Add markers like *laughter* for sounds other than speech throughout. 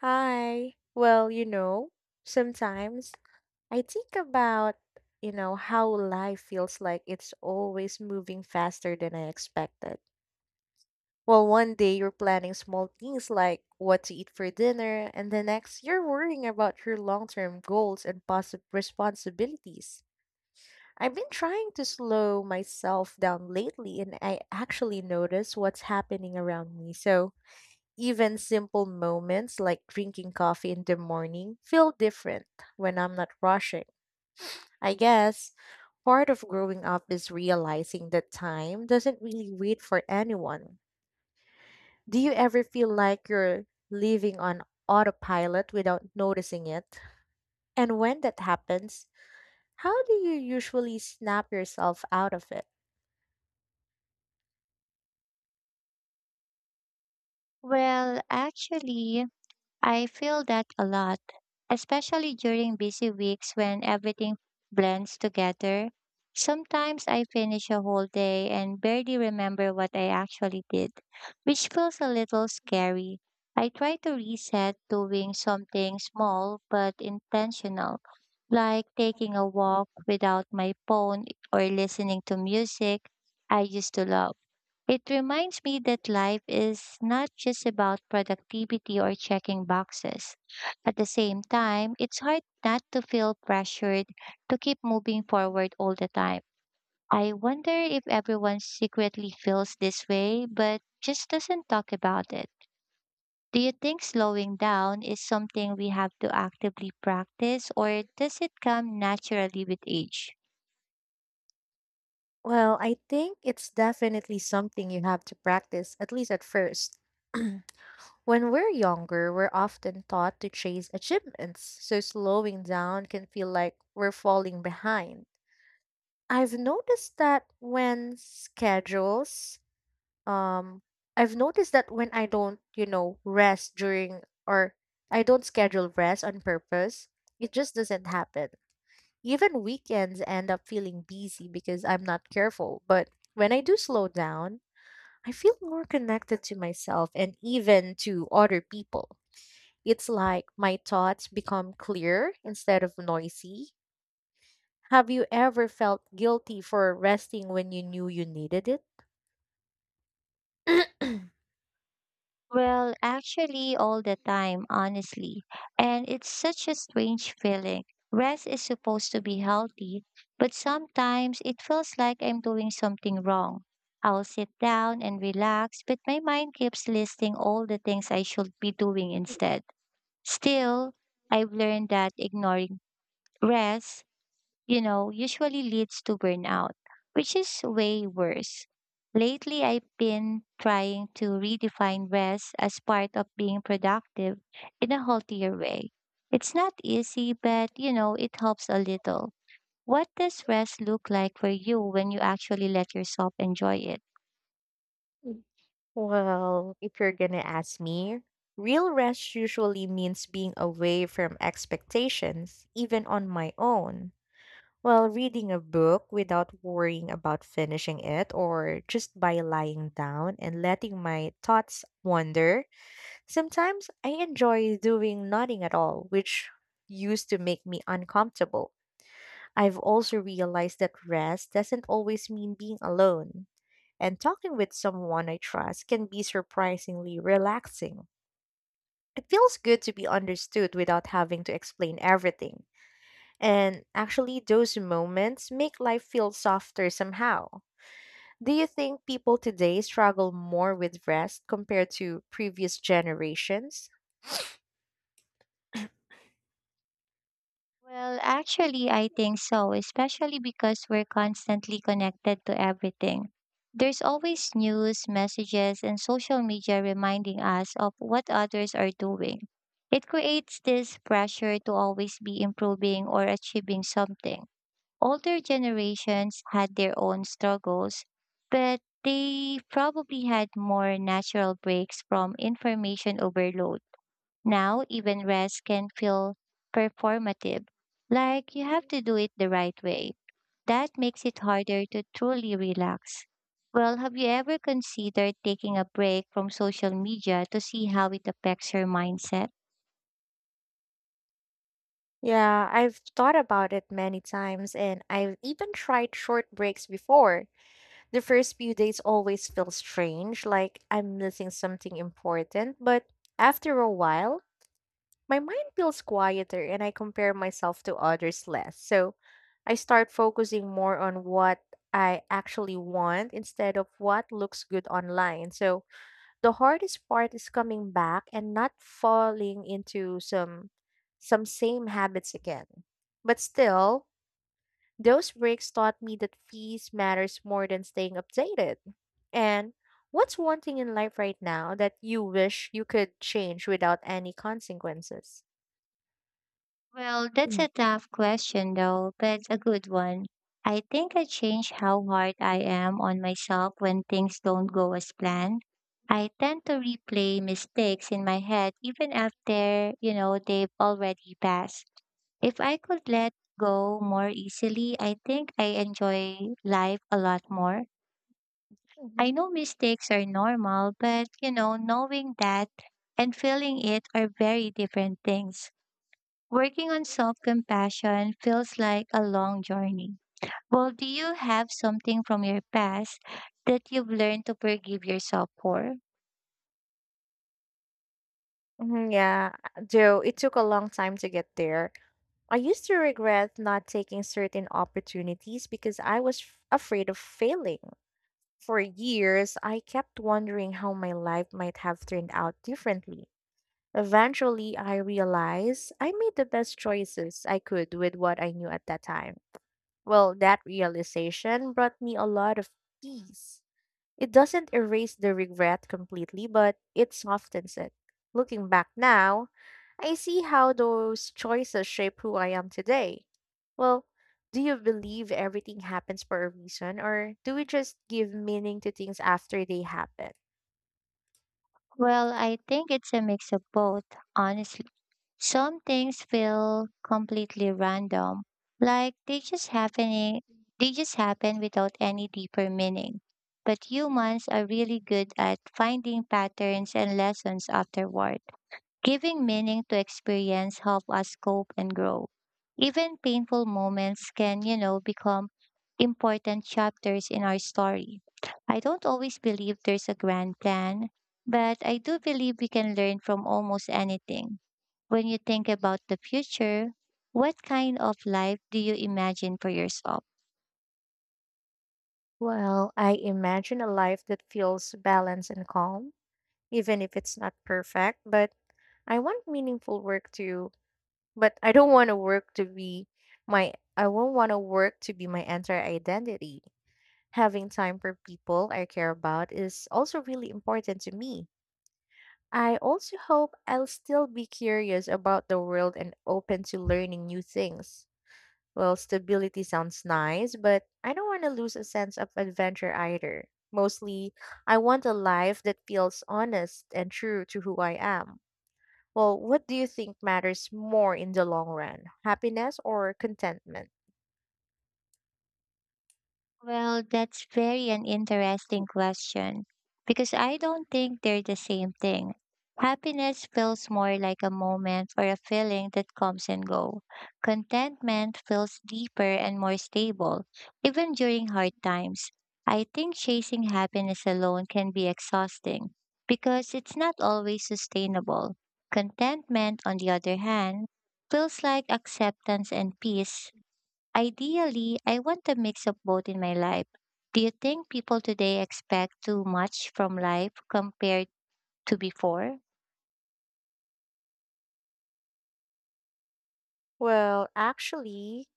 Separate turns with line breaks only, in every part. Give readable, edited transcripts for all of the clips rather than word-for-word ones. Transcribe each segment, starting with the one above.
Hi. Sometimes I think about, how life feels like it's always moving faster than I expected. Well, one day you're planning small things like what to eat for dinner, and the next you're worrying about your long-term goals and possible responsibilities. I've been trying to slow myself down lately, and I actually notice what's happening around me. So, even simple moments like drinking coffee in the morning feel different when I'm not rushing. I guess part of growing up is realizing that time doesn't really wait for anyone. Do you ever feel like you're living on autopilot without noticing it? And when that happens, how do you usually snap yourself out of it?
Well, actually, I feel that a lot, especially during busy weeks when everything blends together. Sometimes I finish a whole day and barely remember what I actually did, which feels a little scary. I try to reset doing something small but intentional, like taking a walk without my phone or listening to music I used to love. It reminds me that life is not just about productivity or checking boxes. At the same time, it's hard not to feel pressured to keep moving forward all the time. I wonder if everyone secretly feels this way, but just doesn't talk about it. Do you think slowing down is something we have to actively practice, or does it come naturally with age?
Well, I think it's definitely something you have to practice, at least at first. *clears throat* When we're younger, we're often taught to chase achievements, so slowing down can feel like we're falling behind. I've noticed that when schedules, um, I've noticed that when I don't, rest during or I don't schedule rest on purpose, it just doesn't happen. Even weekends end up feeling busy because I'm not careful. But when I do slow down, I feel more connected to myself and even to other people. It's like my thoughts become clear instead of noisy. Have you ever felt guilty for resting when you knew you needed it?
Well, actually, all the time, honestly. And it's such a strange feeling. Rest is supposed to be healthy, but sometimes it feels like I'm doing something wrong. I'll sit down and relax, but my mind keeps listing all the things I should be doing instead. Still, I've learned that ignoring rest usually leads to burnout, which is way worse. Lately, I've been trying to redefine rest as part of being productive in a healthier way. It's not easy, but it helps a little. What does rest look like for you when you actually let yourself enjoy it?
Mm. Well, if you're gonna ask me, real rest usually means being away from expectations, even on my own. Well, reading a book without worrying about finishing it, or just by lying down and letting my thoughts wander, sometimes I enjoy doing nothing at all, which used to make me uncomfortable. I've also realized that rest doesn't always mean being alone, and talking with someone I trust can be surprisingly relaxing. It feels good to be understood without having to explain everything, and actually, those moments make life feel softer somehow. Do you think people today struggle more with rest compared to previous generations?
Well, actually, I think so, especially because we're constantly connected to everything. There's always news, messages, and social media reminding us of what others are doing. It creates this pressure to always be improving or achieving something. Older generations had their own struggles, but they probably had more natural breaks from information overload. Now, even rest can feel performative, like you have to do it the right way. That makes it harder to truly relax. Well, have you ever considered taking a break from social media to see how it affects your mindset?
Yeah, I've thought about it many times and I've even tried short breaks before. The first few days always feel strange, like I'm missing something important, but after a while, my mind feels quieter and I compare myself to others less. So I start focusing more on what I actually want instead of what looks good online. So the hardest part is coming back and not falling into some same habits again. But still, those breaks taught me that peace matters more than staying updated. And what's one thing in life right now that you wish you could change without any consequences?
Well, that's
Mm-hmm.
a tough question, though, but a good one. I think I change how hard I am on myself when things don't go as planned. I tend to replay mistakes in my head even after, they've already passed. If I could let go more easily, I think I enjoy life a lot more. I know mistakes are normal, but, knowing that and feeling it are very different things. Working on self compassion feels like a long journey. Well, do you have something from your past that you've learned to forgive yourself for?
Mm-hmm. Yeah, though it took a long time to get there. I used to regret not taking certain opportunities because I was f- afraid of failing. For years, I kept wondering how my life might have turned out differently. Eventually, I realized I made the best choices I could with what I knew at that time. Well, that realization brought me a lot of peace. It doesn't erase the regret completely, but it softens it. Looking back now, I see how those choices shape who I am today. Well, do you believe everything happens for a reason, or do we just give meaning to things after they happen?
Well, I think it's a mix of both, honestly. Some things feel completely random, like they just happen without any deeper meaning. But humans are really good at finding patterns and lessons afterward. Giving meaning to experience help us cope and grow. Even painful moments can become important chapters in our story. I don't always believe there's a grand plan, but I do believe we can learn from almost anything. When you think about the future, what kind of life do you imagine for yourself?
Well, I imagine a life that feels balanced and calm, even if it's not perfect, but I want meaningful work to, but I don't want to work to be I won't want to work to be my entire identity. Having time for people I care about is also really important to me. I also hope I'll still be curious about the world and open to learning new things. Well, stability sounds nice, but I don't want to lose a sense of adventure either. Mostly, I want a life that feels honest and true to who I am. Well, what do you think matters more in the long run, happiness or contentment?
Well, that's very an interesting question because I don't think they're the same thing. Happiness feels more like a moment or a feeling that comes and go. Contentment feels deeper and more stable, even during hard times. I think chasing happiness alone can be exhausting because it's not always sustainable. Contentment, on the other hand, feels like acceptance and peace. Ideally, I want a mix of both in my life. Do you think people today expect too much from life compared to before?
Well, actually,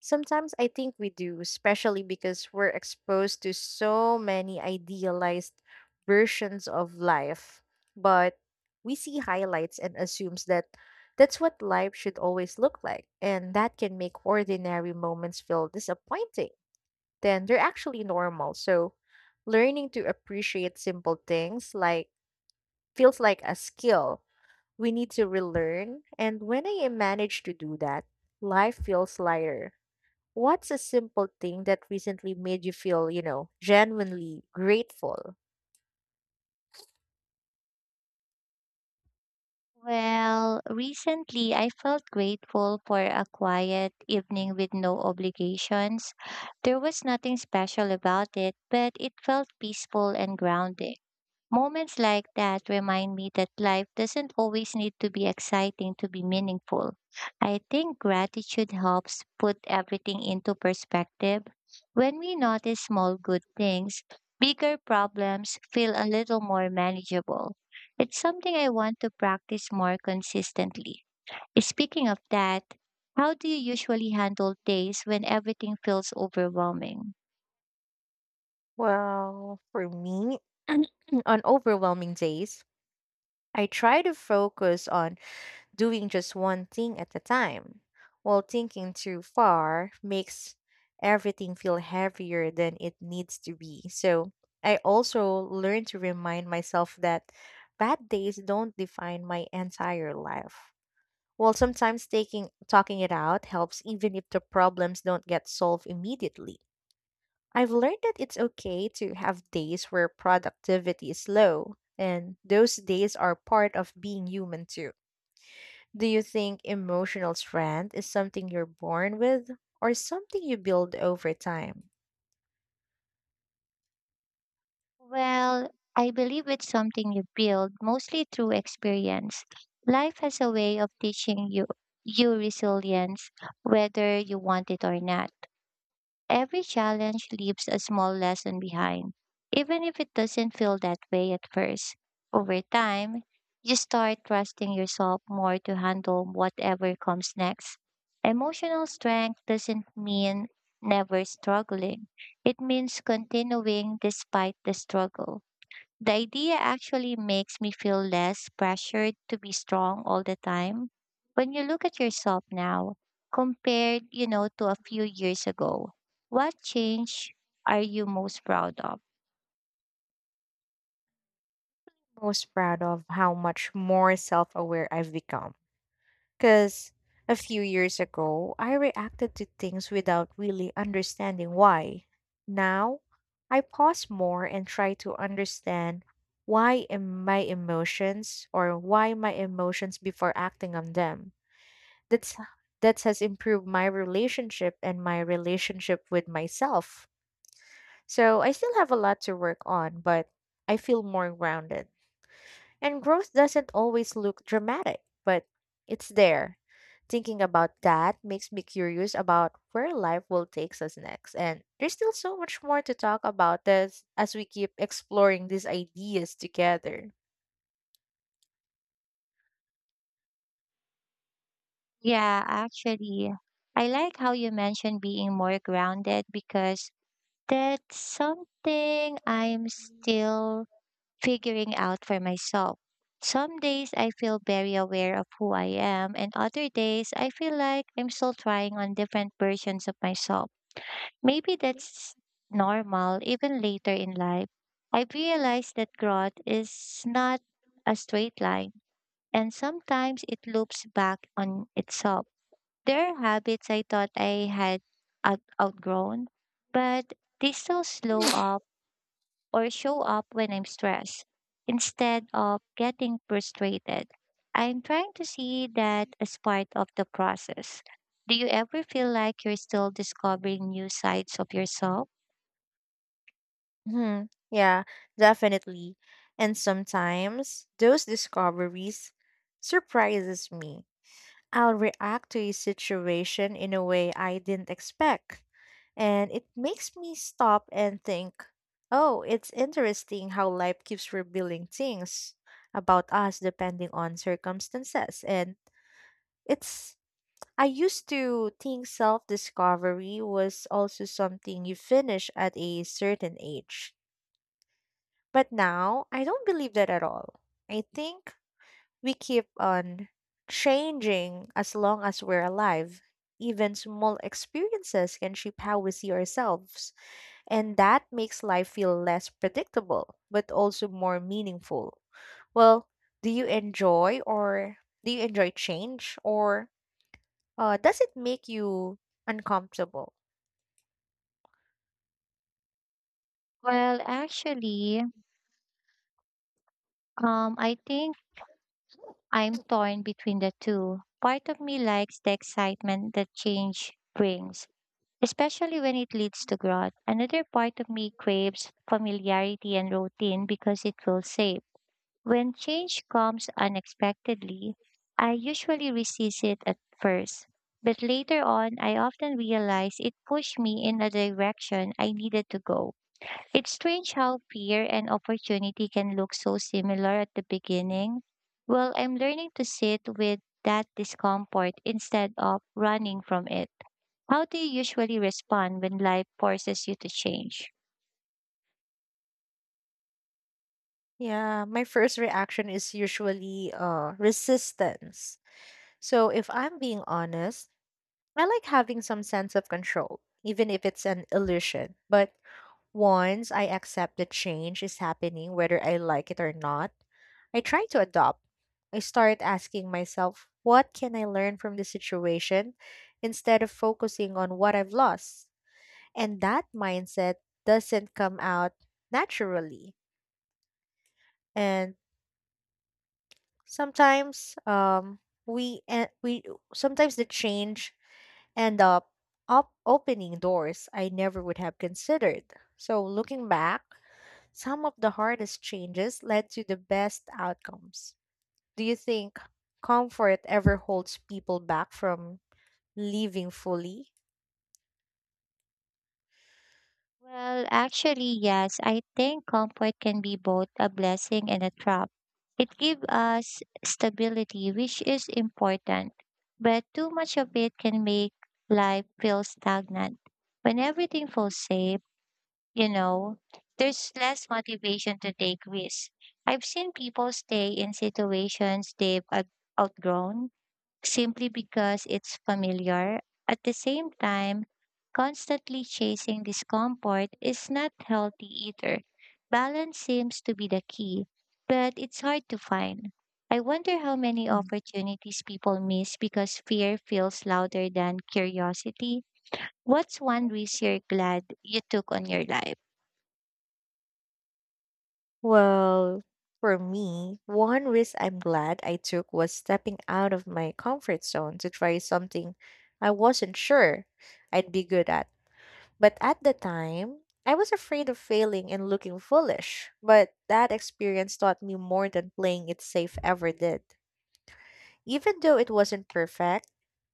Sometimes I think we do, especially because we're exposed to so many idealized versions of life. But we see highlights and assumes that that's what life should always look like, and that can make ordinary moments feel disappointing. Then they're actually normal. So, learning to appreciate simple things like feels like a skill we need to relearn, and when I manage to do that, life feels lighter. What's a simple thing that recently made you feel, genuinely grateful?
Well, recently I felt grateful for a quiet evening with no obligations. There was nothing special about it, but it felt peaceful and grounded. Moments like that remind me that life doesn't always need to be exciting to be meaningful. I think gratitude helps put everything into perspective. When we notice small good things, bigger problems feel a little more manageable. It's something I want to practice more consistently. Speaking of that, how do you usually handle days when everything feels overwhelming?
Well, for me, *clears throat* on overwhelming days, I try to focus on doing just one thing at a time, while thinking too far makes everything feel heavier than it needs to be. So I also learned to remind myself that bad days don't define my entire life. While sometimes taking talking it out helps even if the problems don't get solved immediately. I've learned that it's okay to have days where productivity is low, and those days are part of being human too. Do you think emotional strength is something you're born with or something you build over time?
Well, I believe it's something you build mostly through experience. Life has a way of teaching you resilience, whether you want it or not. Every challenge leaves a small lesson behind, even if it doesn't feel that way at first. Over time, you start trusting yourself more to handle whatever comes next. Emotional strength doesn't mean never struggling. It means continuing despite the struggle. The idea actually makes me feel less pressured to be strong all the time. When you look at yourself now, compared to a few years ago, what change are you most proud of?
Most proud of how much more self aware I've become. Because a few years ago, I reacted to things without really understanding why. Now, I pause more and try to understand why my emotions before acting on them that's that has improved my relationship with myself. So I still have a lot to work on, but I feel more grounded. And growth doesn't always look dramatic, but it's there. Thinking about that makes me curious about where life will take us next. And there's still so much more to talk about as we keep exploring these ideas together.
Yeah, actually, I like how you mentioned being more grounded because that's something I'm still figuring out for myself. Some days I feel very aware of who I am, and other days I feel like I'm still trying on different versions of myself. Maybe that's normal even later in life. I've realized that growth is not a straight line, and sometimes it loops back on itself. There are habits I thought I had outgrown, but they still slow up or show up when I'm stressed instead of getting frustrated. I'm trying to see that as part of the process. Do you ever feel like you're still discovering new sides of yourself?
Hmm. Yeah, definitely. And sometimes those discoveries surprises me. I'll react to a situation in a way I didn't expect, and it makes me stop and think, "Oh, it's interesting how life keeps revealing things about us depending on circumstances." And it's I used to think self-discovery was also something you finish at a certain age. But now, I don't believe that at all. I think we keep on changing as long as we're alive. Even small experiences can shape how we see ourselves, and that makes life feel less predictable, but also more meaningful. Well, do you enjoy or do you enjoy change or does it make you uncomfortable?
Well, actually, I think I'm torn between the two. Part of me likes the excitement that change brings, especially when it leads to growth. Another part of me craves familiarity and routine because it feels safe. When change comes unexpectedly, I usually resist it at first, but later on, I often realize it pushed me in a direction I needed to go. It's strange how fear and opportunity can look so similar at the beginning. Well, I'm learning to sit with that discomfort instead of running from it. How do you usually respond when life forces you to change?
Yeah, my first reaction is usually resistance. So, if I'm being honest, I like having some sense of control, even if it's an illusion. But once I accept the change is happening, whether I like it or not, I try to adopt. I start asking myself, what can I learn from the situation instead of focusing on what I've lost? And that mindset doesn't come out naturally. And sometimes we, and we sometimes the change end up, up opening doors I never would have considered. So, looking back, some of the hardest changes led to the best outcomes. Do you think comfort ever holds people back from living fully?
Well, actually, yes, I think comfort can be both a blessing and a trap. It gives us stability, which is important, but too much of it can make life feel stagnant. When everything feels safe, you know, there's less motivation to take risks. I've seen people stay in situations they've outgrown simply because it's familiar. At the same time, constantly chasing discomfort is not healthy either. Balance seems to be the key, but it's hard to find. I wonder how many
Mm.
opportunities people miss because fear feels louder than curiosity. What's one risk you're glad you took on your life?
Well, for me, one risk I'm glad I took was stepping out of my comfort zone to try something I wasn't sure I'd be good at. But at the time, I was afraid of failing and looking foolish. But that experience taught me more than playing it safe ever did. Even though it wasn't perfect,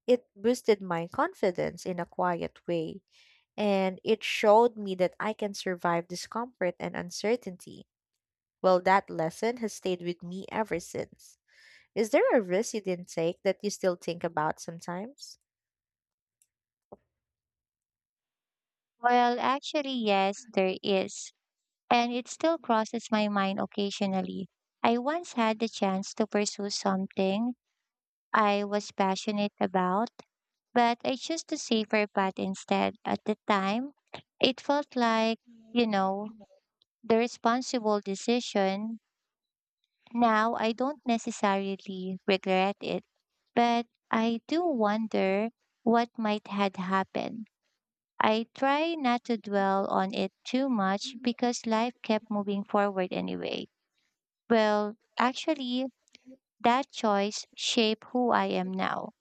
it boosted my confidence in a quiet way, and it showed me that I can survive discomfort and uncertainty. Well, that lesson has stayed with me ever since. Is there a risk you didn't take that you still think about sometimes?
Well, actually, yes, there is. And it still crosses my mind occasionally. I once had the chance to pursue something I was passionate about, but I chose the safer path instead. At the time, it felt like, you know, the responsible decision. Now I don't necessarily regret it, but I do wonder what might had happened. I try not to dwell on it too much because life kept moving forward anyway. Well, actually, that choice shaped who I am now,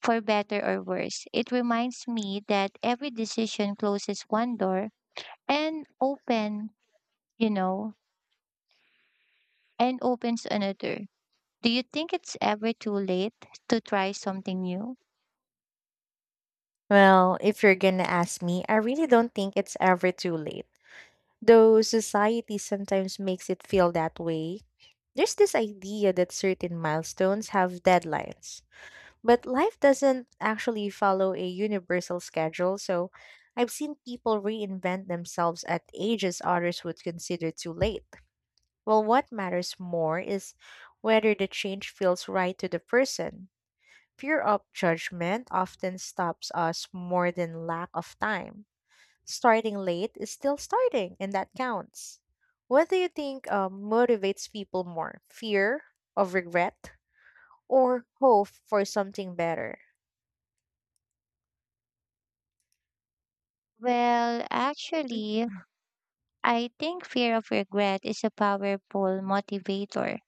for better or worse. It reminds me that every decision closes one door and open, you know, and opens another. Do you think it's ever too late to try something new?
Well, if you're gonna ask me, I really don't think it's ever too late. Though society sometimes makes it feel that way, there's this idea that certain milestones have deadlines. But life doesn't actually follow a universal schedule, so I've seen people reinvent themselves at ages others would consider too late. Well, what matters more is whether the change feels right to the person. Fear of judgment often stops us more than lack of time. Starting late is still starting, and that counts. What do you think motivates people more? Fear of regret or hope for something better?
Well, actually, I think fear of regret is a powerful motivator,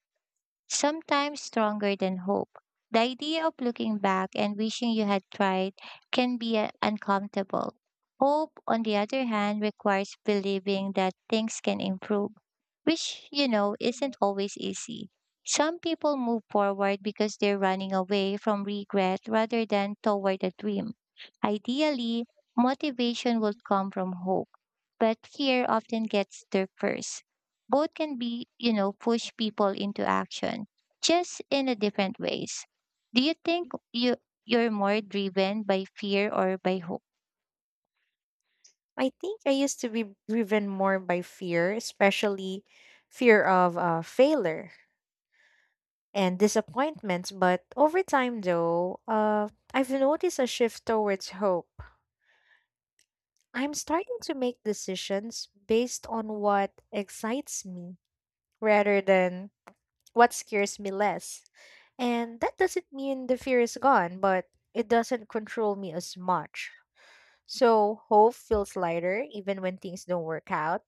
sometimes stronger than hope. The idea of looking back and wishing you had tried can be uncomfortable. Hope, on the other hand, requires believing that things can improve, which isn't always easy. Some people move forward because they're running away from regret rather than toward a dream. Ideally, motivation would come from hope, but fear often gets there first. Both can push people into action, just in a different ways. Do you think you're more driven by fear or by hope?
I think I used to be driven more by fear, especially fear of failure and disappointments. But over time, though, I've noticed a shift towards hope. I'm starting to make decisions based on what excites me rather than what scares me less. And that doesn't mean the fear is gone, but it doesn't control me as much. So hope feels lighter even when things don't work out.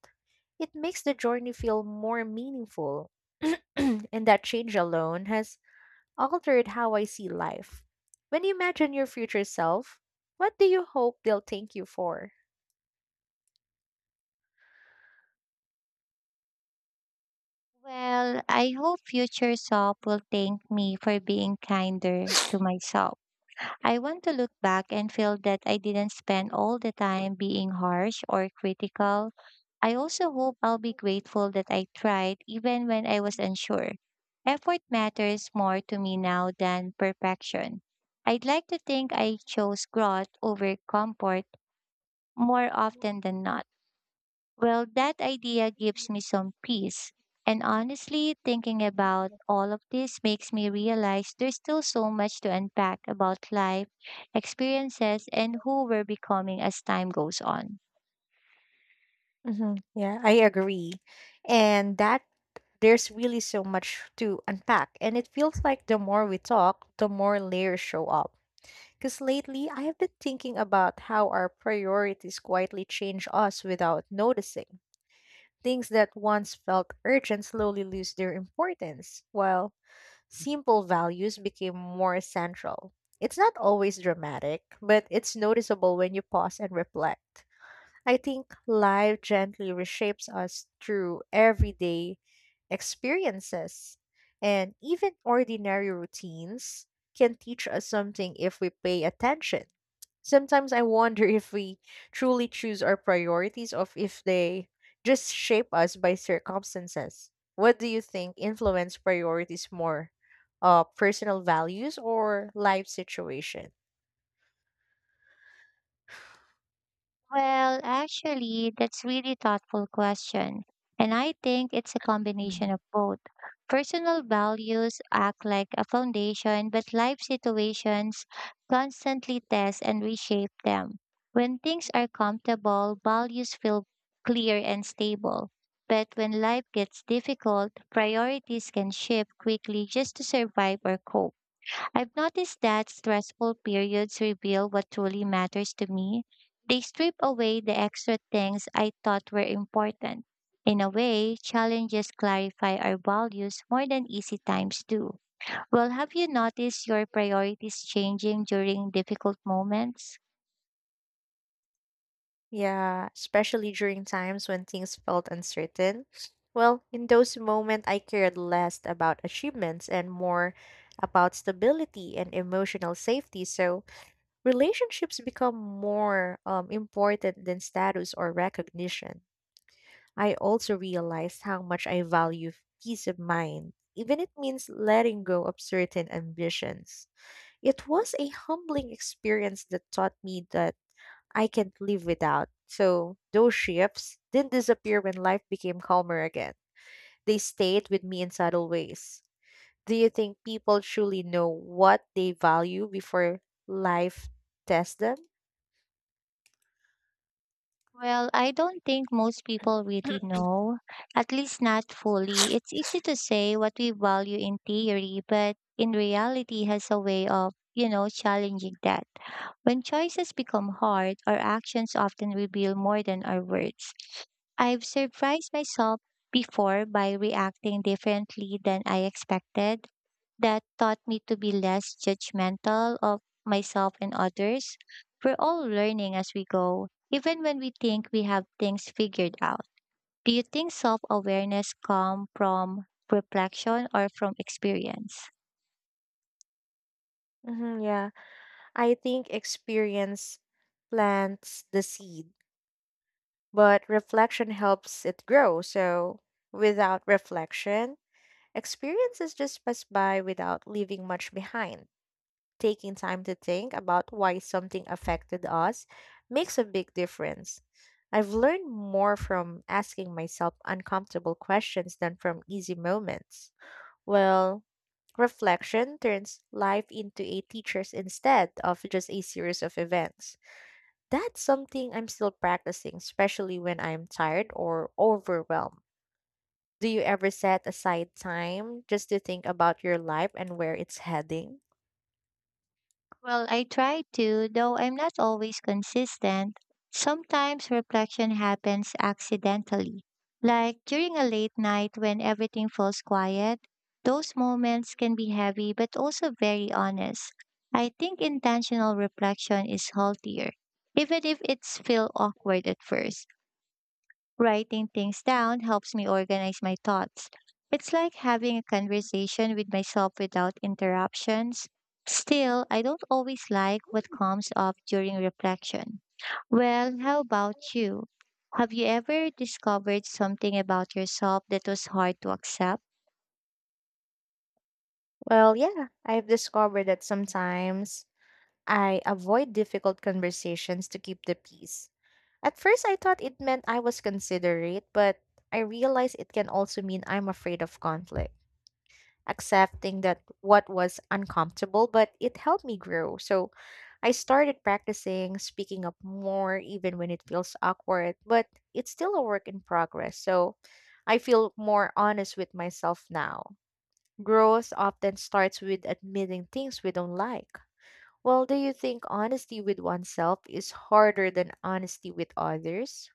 It makes the journey feel more meaningful. *clears throat* And that change alone has altered how I see life. When you imagine your future self, what do you hope they'll thank you for?
Well, I hope future self will thank me for being kinder to myself. I want to look back and feel that I didn't spend all the time being harsh or critical. I also hope I'll be grateful that I tried even when I was unsure. Effort matters more to me now than perfection. I'd like to think I chose growth over comfort more often than not. Well, that idea gives me some peace. And honestly, thinking about all of this makes me realize there's still so much to unpack about life, experiences, and who we're becoming as time goes on.
Hmm. Yeah, I agree. And that there's really so much to unpack. And it feels like the more we talk, the more layers show up. Because lately, I have been thinking about how our priorities quietly change us without noticing. Things that once felt urgent slowly lose their importance, while simple values became more essential. It's not always dramatic, but it's noticeable when you pause and reflect. I think life gently reshapes us through everyday experiences, and even ordinary routines can teach us something if we pay attention. Sometimes I wonder *laughs* if we truly choose our priorities or if they just shape us by circumstances. What do you think influence priorities more? Personal values or life situation?
Well, actually, that's really thoughtful question. And I think it's a combination of both. Personal values act like a foundation, but life situations constantly test and reshape them. When things are comfortable, values feel clear and stable. But when life gets difficult, priorities can shift quickly just to survive or cope. I've noticed that stressful periods reveal what truly matters to me. They strip away the extra things I thought were important. In a way, challenges clarify our values more than easy times do. Well, have you noticed your priorities changing during difficult moments?
Yeah, especially during times when things felt uncertain. Well, in those moments, I cared less about achievements and more about stability and emotional safety. So relationships become more important than status or recognition. I also realized how much I value peace of mind, even it means letting go of certain ambitions. It was a humbling experience that taught me that I can't live without. So those shifts didn't disappear when life became calmer again. They stayed with me in subtle ways. Do you think people truly know what they value before life tests them?
Well, I don't think most people really know, at least not fully. It's easy to say what we value in theory, but in reality has a way of challenging that. When choices become hard, our actions often reveal more than our words. I've surprised myself before by reacting differently than I expected. That taught me to be less judgmental of myself and others. We're all learning as we go even when we think we have things figured out. Do you think self awareness comes from reflection or from experience?
Hmm. Yeah, I think experience plants the seed, but reflection helps it grow. So without reflection, experiences just pass by without leaving much behind. Taking time to think about why something affected us makes a big difference. I've learned more from asking myself uncomfortable questions than from easy moments. Well, reflection turns life into a teacher's instead of just a series of events. That's something I'm still practicing, especially when I'm tired or overwhelmed. Do you ever set aside time just to think about your life and where it's heading?
Well, I try to, though I'm not always consistent. Sometimes reflection happens accidentally, like during a late night when everything falls quiet. Those moments can be heavy but also very honest. I think intentional reflection is healthier, even if it's feel awkward at first. Writing things down helps me organize my thoughts. It's like having a conversation with myself without interruptions. Still, I don't always like what comes up during reflection. Well, how about you? Have you ever discovered something about yourself that was hard to accept?
Well, yeah, I've discovered that sometimes I avoid difficult conversations to keep the peace. At first, I thought it meant I was considerate, but I realized it can also mean I'm afraid of conflict. Accepting that what was uncomfortable, but it helped me grow. So I started practicing speaking up more, even when it feels awkward, but it's still a work in progress. So I feel more honest with myself now. Growth often starts with admitting things we don't like. Well, do you think honesty with oneself is harder than honesty with others?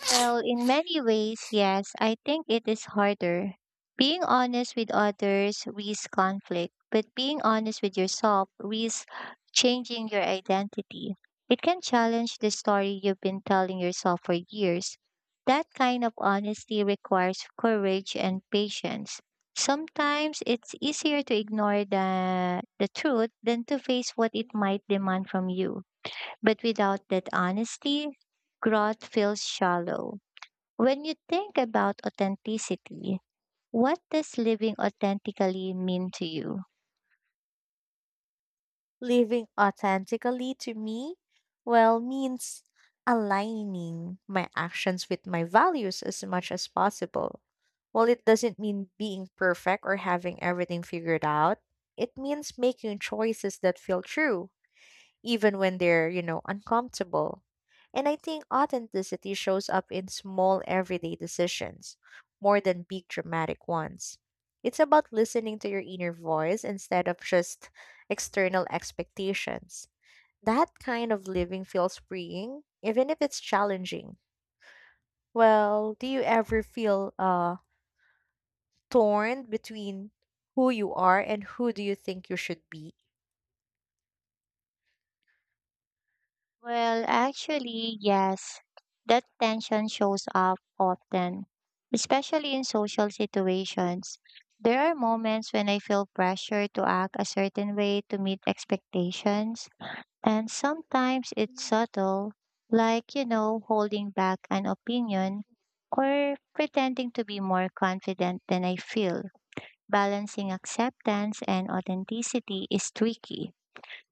Well, in many ways, yes, I think it is harder. Being honest with others risks conflict, but being honest with yourself risks changing your identity. It can challenge the story you've been telling yourself for years. That kind of honesty requires courage and patience. Sometimes it's easier to ignore the truth than to face what it might demand from you. But without that honesty, growth feels shallow. When you think about authenticity, what does living authentically mean to you?
Living authentically to me, well, means aligning my actions with my values as much as possible. Well, it doesn't mean being perfect or having everything figured out. It means making choices that feel true even when they're, uncomfortable. And I think authenticity shows up in small everyday decisions more than big dramatic ones. It's about listening to your inner voice instead of just external expectations. That kind of living feels freeing, even if it's challenging. Well, do you ever feel torn between who you are and who do you think you should be?
Well, actually, yes, that tension shows up often, especially in social situations. There are moments when I feel pressure to act a certain way to meet expectations, and sometimes it's subtle, like holding back an opinion or pretending to be more confident than I feel. Balancing acceptance and authenticity is tricky.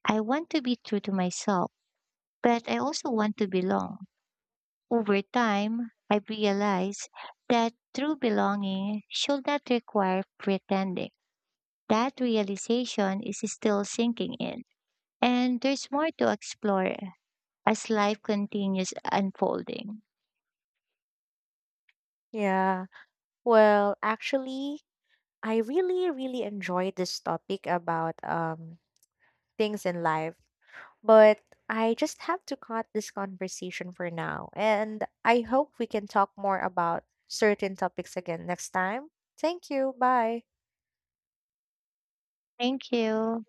I want to be true to myself, but I also want to belong. Over time, I realized that true belonging should not require pretending. That realization is still sinking in, and there's more to explore as life continues unfolding.
Yeah. Well, actually, I really, really enjoyed this topic about things in life, but I just have to cut this conversation for now. And I hope we can talk more about certain topics again next time. Thank you. Bye.
Thank you.